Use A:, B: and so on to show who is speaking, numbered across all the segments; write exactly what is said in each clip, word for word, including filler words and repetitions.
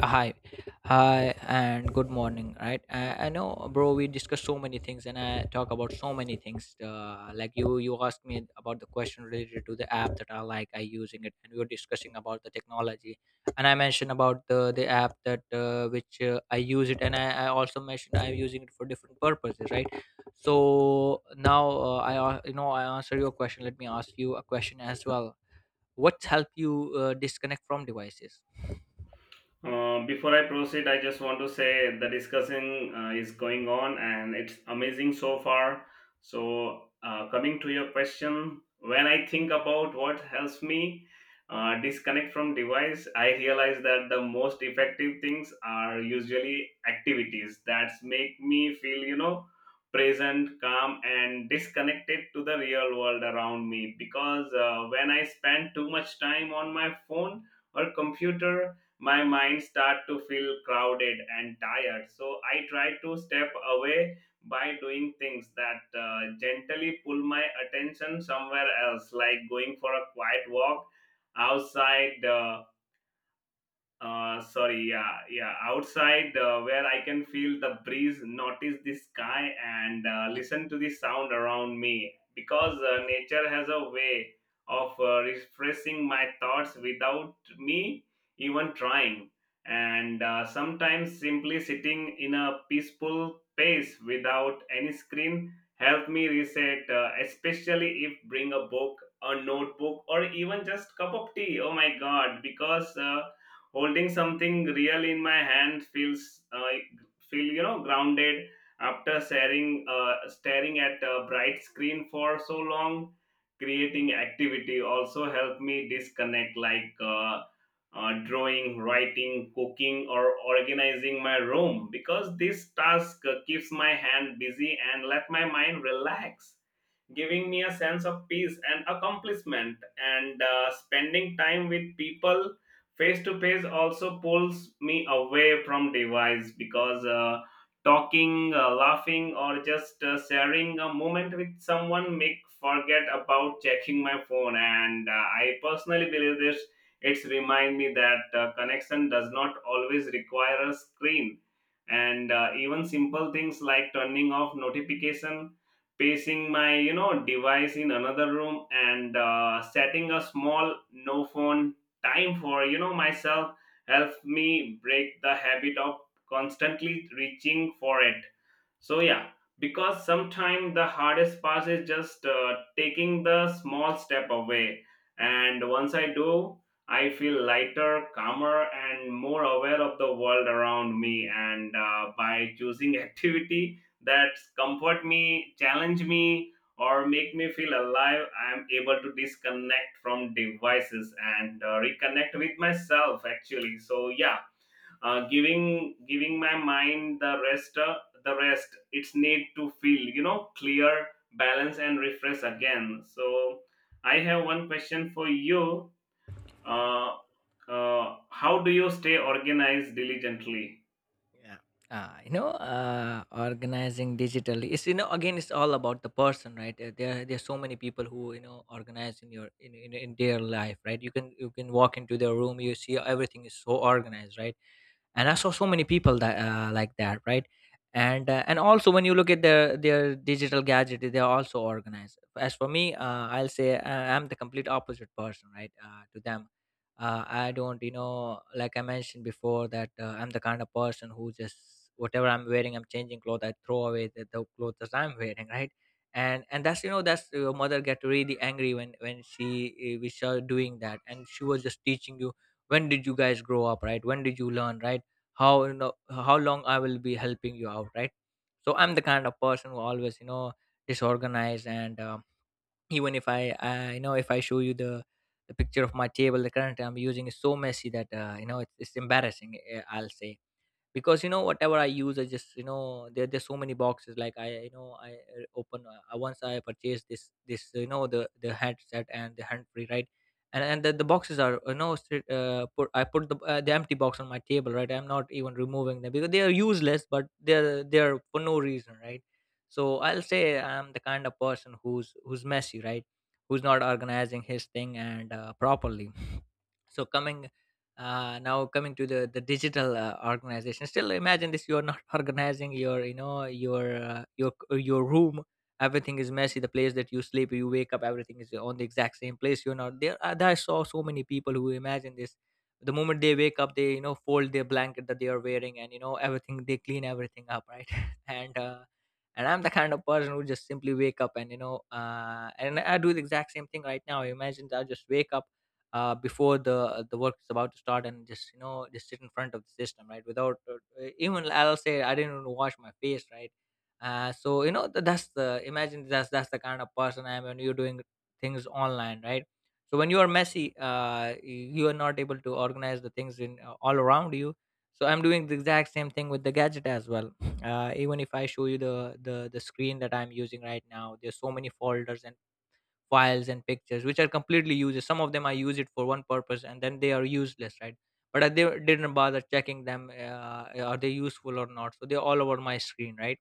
A: Hi. Hi and good morning, right? I, I know, bro, we discussed so many things and I talk about so many things uh, like you you asked me about the question related to the app that I like I using it, and we were discussing about the technology. And I mentioned about the the app that uh, which uh, I use it, and I, I also mentioned I'm using it for different purposes, right? So now, uh, i a- you know, I answer your question. Let me ask you a question as well. What's help you uh, disconnect from devices?
B: Um, before I proceed, I just want to say the discussion uh, is going on and it's amazing so far. So, uh, coming to your question, when I think about what helps me uh, disconnect from device, I realize that the most effective things are usually activities that make me feel, you know, present, calm, and disconnected to the real world around me. Because uh, when I spend too much time on my phone or computer, my mind start to feel crowded and tired, so I try to step away by doing things that uh, gently pull my attention somewhere else, like going for a quiet walk outside. Uh, uh, sorry, yeah, yeah. Outside, uh, where I can feel the breeze, notice the sky, and uh, listen to the sound around me. Because uh, nature has a way of uh, refreshing my thoughts without me even trying. And uh, sometimes simply sitting in a peaceful space without any screen help me reset, uh, especially if bring a book, a notebook, or even just cup of tea. Oh my God! Because uh, holding something real in my hand feels uh, feel you know grounded after staring uh, staring at a bright screen for so long. Creating activity also help me disconnect, like uh, uh, drawing, writing, cooking, or organizing my room, because this task uh, keeps my hand busy and let my mind relax, giving me a sense of peace and accomplishment. And uh, spending time with people face to face also pulls me away from device, because uh, talking, uh, laughing, or just uh, sharing a moment with someone make forget about checking my phone. And uh, I personally believe this. It's remind me that uh, connection does not always require a screen, and uh, even simple things like turning off notification, placing my you know device in another room, and uh, setting a small no phone time for you know myself helps me break the habit of constantly reaching for it. So yeah, because sometimes the hardest part is just uh, taking the small step away. And once I do, I feel lighter, calmer, and more aware of the world around me. And uh, by choosing activity that comfort me, challenge me, or make me feel alive, I am able to disconnect from devices and uh, reconnect with myself. Actually, so yeah, uh, giving giving my mind the rest uh, the rest it's need to feel you know clear, balance, and refresh again. So I have one question for you. uh, uh, how do you stay organized diligently?
A: Yeah. Uh, you know, uh, organizing digitally is, you know, again, it's all about the person, right? Uh, There there's so many people who, you know, organize in your in, in in their life, right? You can you can walk into their room, you see everything is so organized, right? And I saw so many people that uh, like that, right? And uh, and also, when you look at their their digital gadget, they are also organized. As for me, uh, I'll say, uh, I'm the complete opposite person, right, uh, to them. uh, I don't, you know, like I mentioned before, that uh, I'm the kind of person who just whatever I'm wearing, I'm changing clothes, I throw away the, the clothes that I'm wearing, right? and and that's, you know, that's uh, your mother get really angry when when she uh, we saw doing that, and she was just teaching you, when did you guys grow up, right? When did you learn, right? How, you know, how long I will be helping you out, right? So I'm the kind of person who always, you know, disorganized. And um, even if I, I, you know, if I show you the the picture of my table, the current I'm using is so messy that, uh, you know, it's, it's embarrassing, eh, I'll say, because, you know, whatever I use, I just, you know, there there's so many boxes, like i, you know, I uh, open uh, uh, once I purchased this this, you know, the the headset and the hand free, right? and and the, the boxes are, you know, sit- uh, put, I put the, uh, the empty box on my table, right? I'm not even removing them because they are useless, but they're they're for no reason, right? So I'll say, I'm the kind of person who's who's messy, right? Who's not organizing his thing, and uh, properly. So coming, uh, now coming to the the digital uh, organization, still, imagine this, you're not organizing your, you know, your uh, your c- your room, everything is messy, the place that you sleep, you wake up, everything is on the exact same place, you're not there. I, I saw so many people who, imagine this, the moment they wake up, they, you know, fold their blanket that they are wearing, and, you know, everything, they clean everything up, right? And uh, and I'm the kind of person who just simply wake up, and, you know, uh, and I do the exact same thing, right? Now imagine I just wake up uh, before the the work is about to start, and just, you know, just sit in front of the system, right, without uh, uh, even, I'll say, I didn't even wash my face, right? uh, so, you know, th- that's the, imagine that's that's the kind of person I am. When you're doing things online, right? So when you are messy, uh, y- you are not able to organize the things in uh, all around you. So I'm doing the exact same thing with the gadget as well. uh, even if I show you the the the screen that I'm using right now, there's so many folders and files and pictures which are completely useless. Some of them I use it for one purpose, and then they are useless, right? But i, they didn't bother checking them, uh, are they useful or not, so they're all over my screen, right?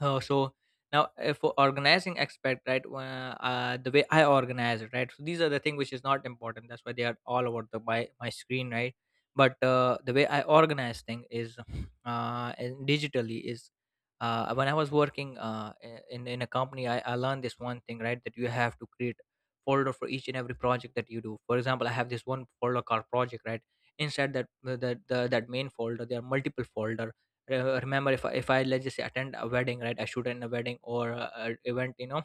A: Oh, so now, uh, for organizing aspect, right? Uh, uh, the way I organize it, right? So these are the thing which is not important. That's why they are all over the my my screen, right? But uh, the way I organize thing is, uh, and digitally is, uh, when I was working uh i- in in a company, I, I learned this one thing, right? That you have to create folder for each and every project that you do. For example, I have this one folder called project, right? Inside that the, the, the that main folder, there are multiple folder. Re- remember, if I, if I, let's just say, attend a wedding, right? I shoot in a wedding, or a, a event, you know,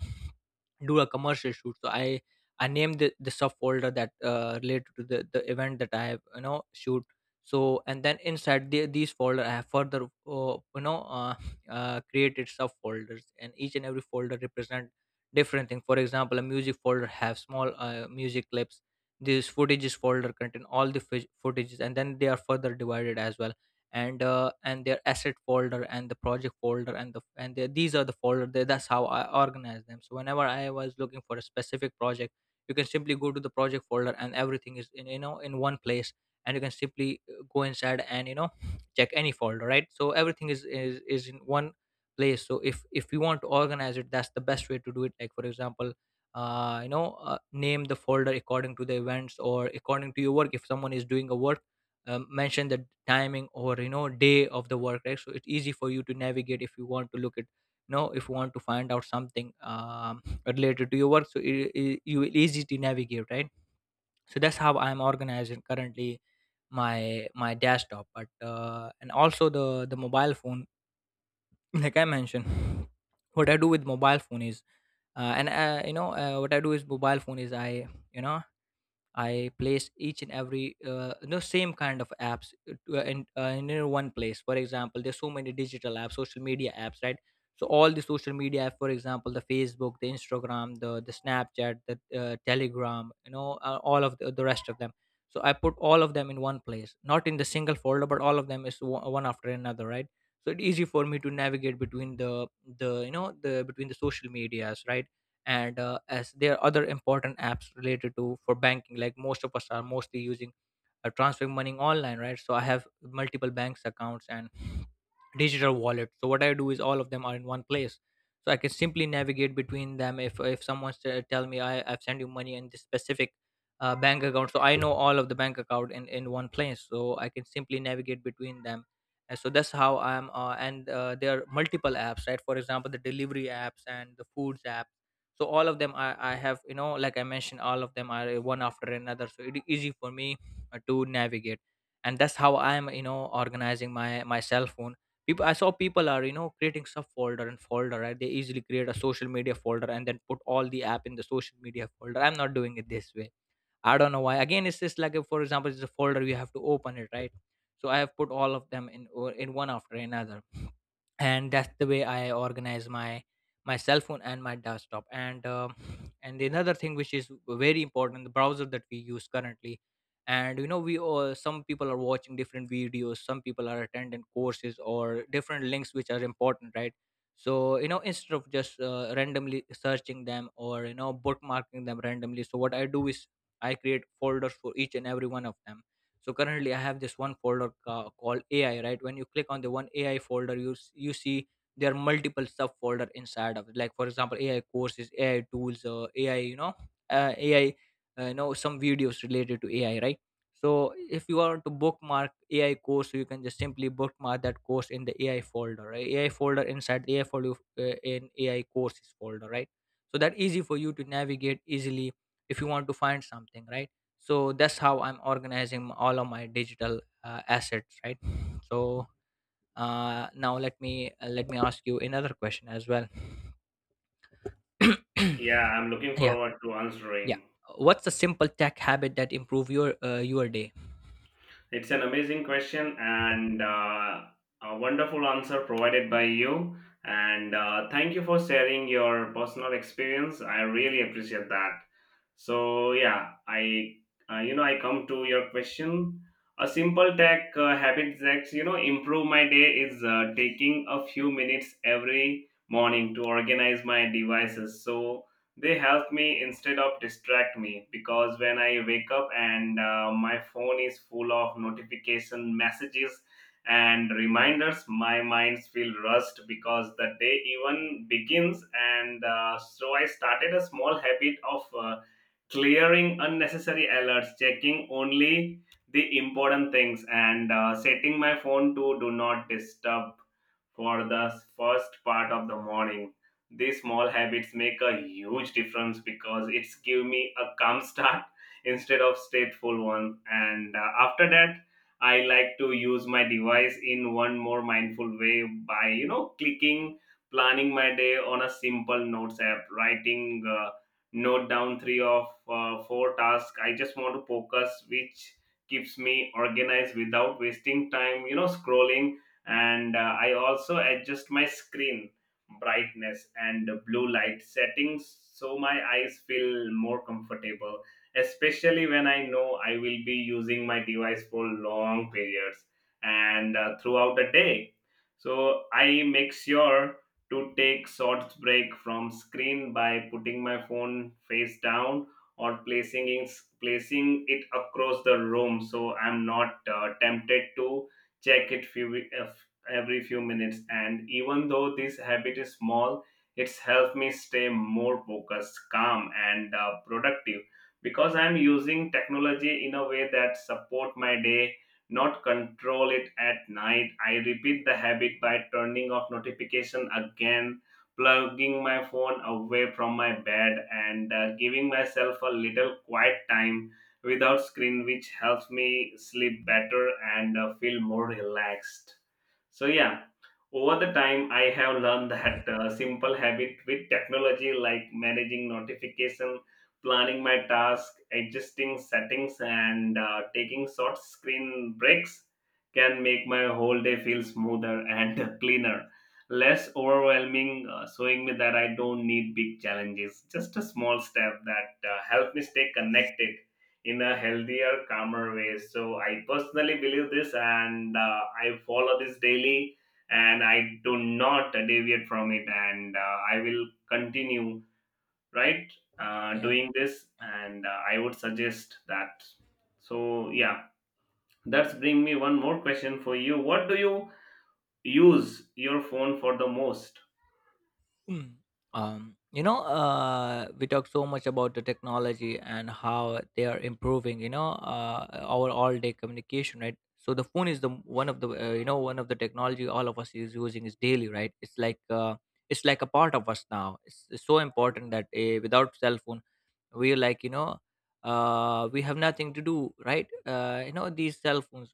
A: do a commercial shoot. So I I name the, the subfolder that uh, related to the, the event that I have, you know, shoot. So, and then inside the, these folder I have further uh, you know uh, uh, created subfolders, and each and every folder represent different thing. For example, a music folder have small uh, music clips, this footages folder contain all the fo- footages, and then they are further divided as well. And uh, and their asset folder, and the project folder, and the and the, these are the folder that- that's how I organize them. So whenever I was looking for a specific project, you can simply go to the project folder and everything is in, you know, in one place. And you can simply uh, go inside and, you know, check any folder, right? So everything is is, is in one place. So if if you want to organize it, that's the best way to do it. Like, for example, uh, you know, uh, name the folder according to the events or according to your work. If someone is doing a work, um, mention the timing, or, you know, day of the work, right? So it's easy for you to navigate. If you want to look at, you know, if you want to find out something, um, related to your work, so it, it, you will easy to navigate, right? So that's how I'm organizing currently my my desktop. But uh, and also the the mobile phone. Like I mentioned, what I do with mobile phone is, uh, and uh, you know uh, what I do is, mobile phone is i, you know, I place each and every uh, the same kind of apps, uh, to- uh, in, uh, in uh, one place. For example, there's so many digital apps, social media apps, right? So all the social media app, for example, the Facebook, the Instagram, the the Snapchat, the uh, Telegram, you know, uh, all of the, the rest of them. So I put all of them in one place, not in the single folder, but all of them is one one after another, right? So it's easy for me to navigate between the the you know, the between the social medias, right? And uh, as there are other important apps related to, for banking, like most of us are mostly using uh, transferring money online, right? So I have multiple banks accounts and digital wallet. So what I do is, all of them are in one place, so I can simply navigate between them. if if someone s- tell me, i I've sent you money in this specific uh, bank account, so I know all of the bank account in in one place, so I can simply navigate between them. And so that's how i'm, uh, and uh, there are multiple apps, right? For example, the delivery apps and the foods app. So all of them I, I have, you know, like I mentioned, all of them are, uh, one after another, so it is easy for me uh, to navigate. And that's how i'm, you know, organizing my my cell phone. People, I saw people are, you know, creating subfolder and folder, right? They easily create a social media folder, and then put all the app in the social media folder. I'm not doing it this way. I don't know why. Again, it's just like, if, for example, it's a folder, you have to open it, right? So I have put all of them in, or in one after another. And that's the way I organize my my cell phone and my desktop. And um, and another thing which is very important, the browser that we use currently. And, you know, we all, some people are watching different videos, some people are attending courses or different links which are important, right? So, you know, instead of just uh, randomly searching them, or, you know, bookmarking them randomly, so what I do is, I create folders for each and every one of them. So currently I have this one folder ca- called AI, right? When you click on the one AI folder you s- you see there are multiple subfolder inside of it, like for example AI courses, AI tools, uh, AI you know uh, AI, uh, you know some videos related to AI, right? So if you want to bookmark AI course you can just simply bookmark that course in the AI folder, right? AI folder, inside the AI folder, uh, in AI courses folder, right? So that easy for you to navigate easily if you want to find something, right? So that's how I'm organizing all of my digital uh, assets, right? So uh, now let me uh, let me ask you another question as well.
B: Yeah, I'm looking
A: Yeah,
B: forward to
A: yeah.
B: answering.
A: What's a simple tech habit that improve your uh, your day?
B: It's an amazing question, and uh, a wonderful answer provided by you. And uh, thank you for sharing your personal experience. I really appreciate that. So yeah, I uh, you know I come to your question. A simple tech uh, habit that you know improve my day is uh, taking a few minutes every morning to organize my devices. So they help me instead of distract me, because when I wake up and uh, my phone is full of notification messages and reminders, my minds feel rushed because the day even begins. And uh, so I started a small habit of uh, clearing unnecessary alerts, checking only the important things, and uh, setting my phone to do not disturb for the first part of the morning. These small habits make a huge difference because it's give me a calm start instead of stateful one. And uh, after that, I like to use my device in one more mindful way by you know clicking, planning my day on a simple notes app, writing. Uh, note down three of uh, four tasks I just want to focus, which keeps me organized without wasting time you know scrolling. And uh, I also adjust my screen brightness and blue light settings so my eyes feel more comfortable, especially when I know I will be using my device for long periods. And uh, throughout the day, so I make sure to take short break from screen by putting my phone face down or placing it, placing it across the room so I'm not uh, tempted to check it few, uh, every few minutes. And even though this habit is small, it's helped me stay more focused, calm, and uh, productive, because I'm using technology in a way that support my day, not control it. At night, I repeat the habit by turning off notification again, plugging my phone away from my bed, and uh, giving myself a little quiet time without screen, which helps me sleep better and uh, feel more relaxed. So yeah, over the time I have learned that uh, simple habit with technology, like managing notification, planning my task, adjusting settings, and uh, taking short screen breaks can make my whole day feel smoother and cleaner, less overwhelming, uh, showing me that I don't need big challenges. Just a small step that uh, help me stay connected in a healthier, calmer way. So I personally believe this, and uh, I follow this daily, and I do not deviate from it, and uh, I will continue right uh,
A: Yeah.
B: doing this, and uh, I would suggest that. So yeah, that's bring me one more question for you. What do you use your phone for the most?
A: Mm. Um, you know, uh, we talk so much about the technology and how they are improving, you know, uh, our all-day communication, right? So the phone is the m- one of the uh, you know one of the technology all of us is using is daily, right? It's like uh, it's like a part of us now. It's, it's so important that uh, without cell phone, we're like, you know, uh, we have nothing to do, right? Uh, you know, these cell phones,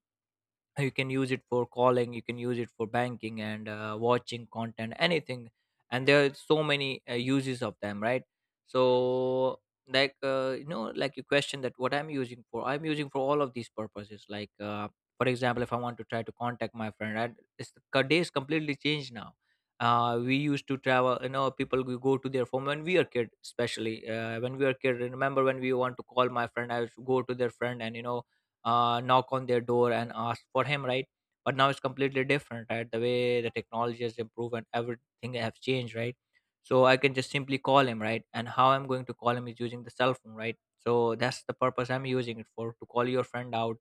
A: you can use it for calling, you can use it for banking and uh, watching content, anything, and there are so many uh, uses of them, right? So like, uh, you know, like you question that what I'm using for, I'm using for all of these purposes, like uh, for example, if I want to try to contact my friend, right? It's the co- day is completely changed now. Uh, we used to travel, you know, people we go to their phone when we are kid, especially uh, when we are kid, remember when we want to call my friend I used to go to their friend and, you know, uh, knock on their door and ask for him, right? But now it's completely different, right? The way the technology has improved and everything have changed, right? So I can just simply call him, right? And how I'm going to call him is using the cell phone, right? So that's the purpose I'm using it for, to call your friend out,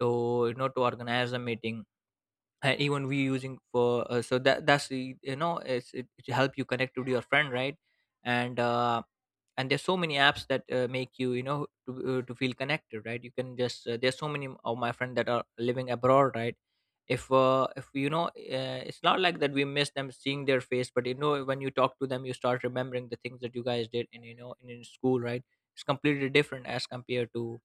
A: to, you know, to organize a meeting. And even we using for, uh, so that that's the, you know, it's, it, it help you connect with your friend, right? And uh, and there's so many apps that uh, make you, you know, to, uh, to feel connected, right? You can just, uh, there's so many of my friends that are living abroad, right? If, uh, if you know, uh, it's not like that we miss them seeing their face, but you know, when you talk to them you start remembering the things that you guys did in, you know, in, in school, right? It's completely different as compared to,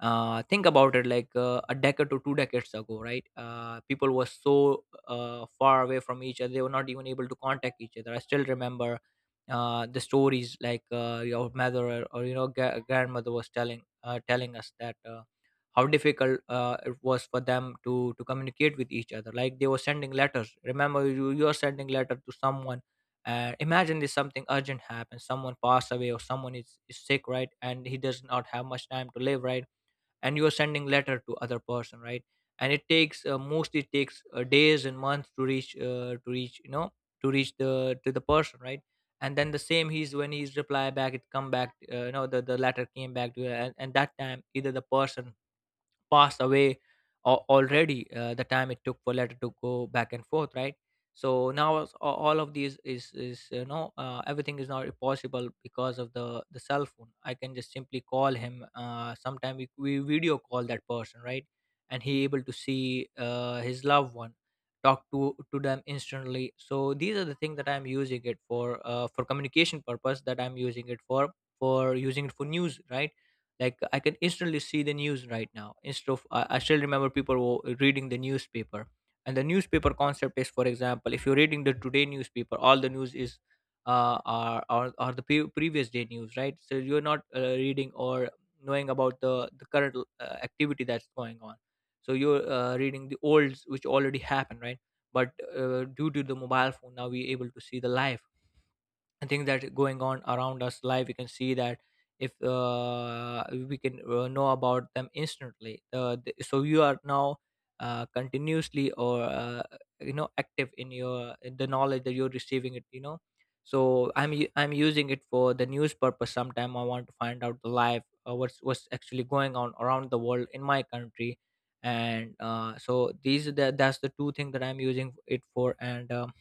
A: uh, think about it, like uh, a decade to two decades ago, right? Uh, people were so uh, far away from each other, they were not even able to contact each other. I still remember uh, the stories, like uh, your mother or, or, you know, gra- grandmother was telling uh, telling us that uh, how difficult uh, it was for them to to communicate with each other, like they were sending letters. Remember you you're sending letter to someone, uh, imagine this, something urgent happens, someone passed away or someone is, is sick, right? And he does not have much time to live, right? And you are sending letter to other person, right? And it takes uh, mostly it takes uh, days and months to reach uh, to reach, you know, to reach the to the person, right? And then the same he's when he's reply back, it come back, uh, you know, the, the letter came back to you, and, and that time either the person passed away al- already, uh, the time it took for letter to go back and forth, right? So now it's a- all of these is is, you know, uh, everything is not possible because of the the cell phone. I can just simply call him, uh, sometime we, we video call that person, right? And he able to see uh, his loved one, talk to to them instantly. So these are the things that I'm using it for, uh, for communication purpose that I'm using it for for using it for news, right? Like I can instantly see the news right now, instead of i I still remember people were reading the newspaper, and the newspaper concept is, for example, if you're reading the today newspaper, all the news is uh, are, are, are the pre- previous day news, right? So you're not uh, reading or knowing about the, the current uh, activity that's going on, so you're uh, reading the olds which already happened, right? But uh, due to the mobile phone, now we're able to see the live and things that going on around us live, we can see that. If, uh, we can uh, know about them instantly, uh, th- so you are now uh, continuously or uh, you know, active in your, in the knowledge that you're receiving it, you know. So i'm u- I'm using it for the news purpose. Sometime I want to find out the live, uh, what's what's actually going on around the world in my country. And uh, so these are the, that's the two things that I'm using it for. And um,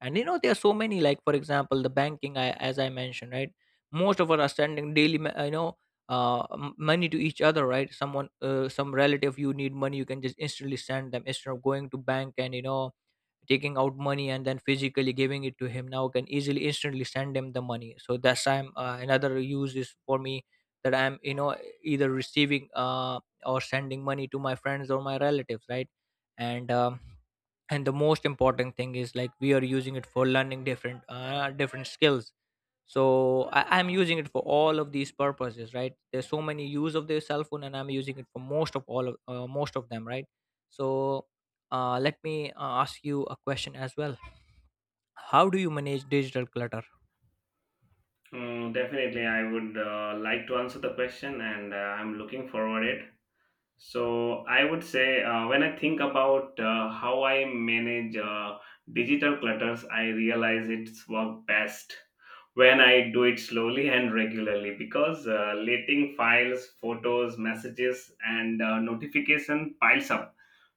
A: and you know there are so many, like for example, the banking, I, as I mentioned, right? Most of us are sending daily ma- you know, uh, m- money to each other, right? Someone, uh, some relative you need money, you can just instantly send them instead of going to bank and, you know, taking out money and then physically giving it to him. Now I can easily instantly send him the money. So that's I'm uh, another use is for me, that I'm, you know, either receiving uh, or sending money to my friends or my relatives, right? And um, and the most important thing is like we are using it for learning different uh, different skills. So I, I'm using it for all of these purposes, right? There's so many use of the cell phone and I'm using it for most of all of uh, most of them, right? So uh, let me uh, ask you a question as well. How do you manage digital clutter?
B: Mm, definitely, I would uh, like to answer the question, and uh, I'm looking forward it. So I would say uh, when I think about uh, how I manage uh, digital clutters, I realize it's work best when I do it slowly and regularly, because uh, letting files, photos, messages, and uh, notification piles up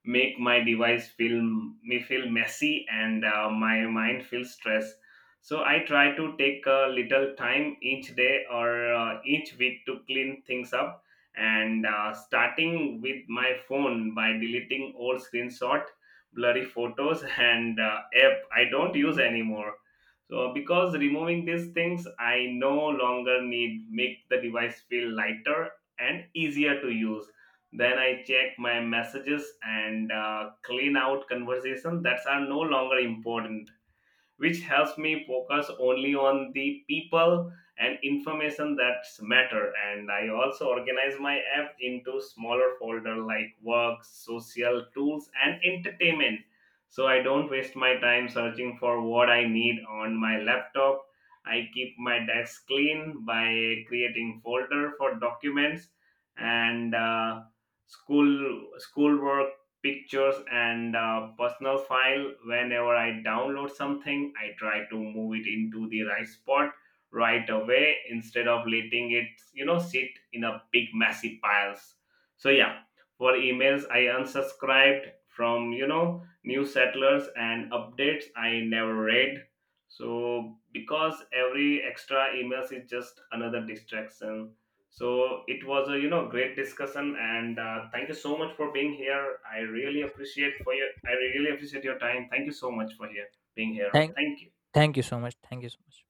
B: make my device feel me feel messy and uh, my mind feel stressed. So I try to take a little time each day or uh, each week to clean things up and uh, starting with my phone by deleting old screenshot, blurry photos, and uh, app I don't use anymore, so because removing these things I no longer need make the device feel lighter and easier to use. Then I check my messages and uh, clean out conversations that are no longer important, which helps me focus only on the people and information that matter. And I also organize my app into smaller folder like work, social, tools, and entertainment, so I don't waste my time searching for what I need. On my laptop, I keep my desk clean by creating folder for documents and uh, school, schoolwork, pictures, and uh, personal file. Whenever I download something I try to move it into the right spot right away, instead of letting it you know sit in a big messy piles. So yeah, for emails I unsubscribed from you know new settlers and updates I never read, so because every extra emails is just another distraction. So it was a you know great discussion, and uh, thank you so much for being here. I really appreciate for your I really appreciate your time. Thank you so much for here being here.
A: Thank,
B: Thank you.
A: thank you so much. Thank you so much.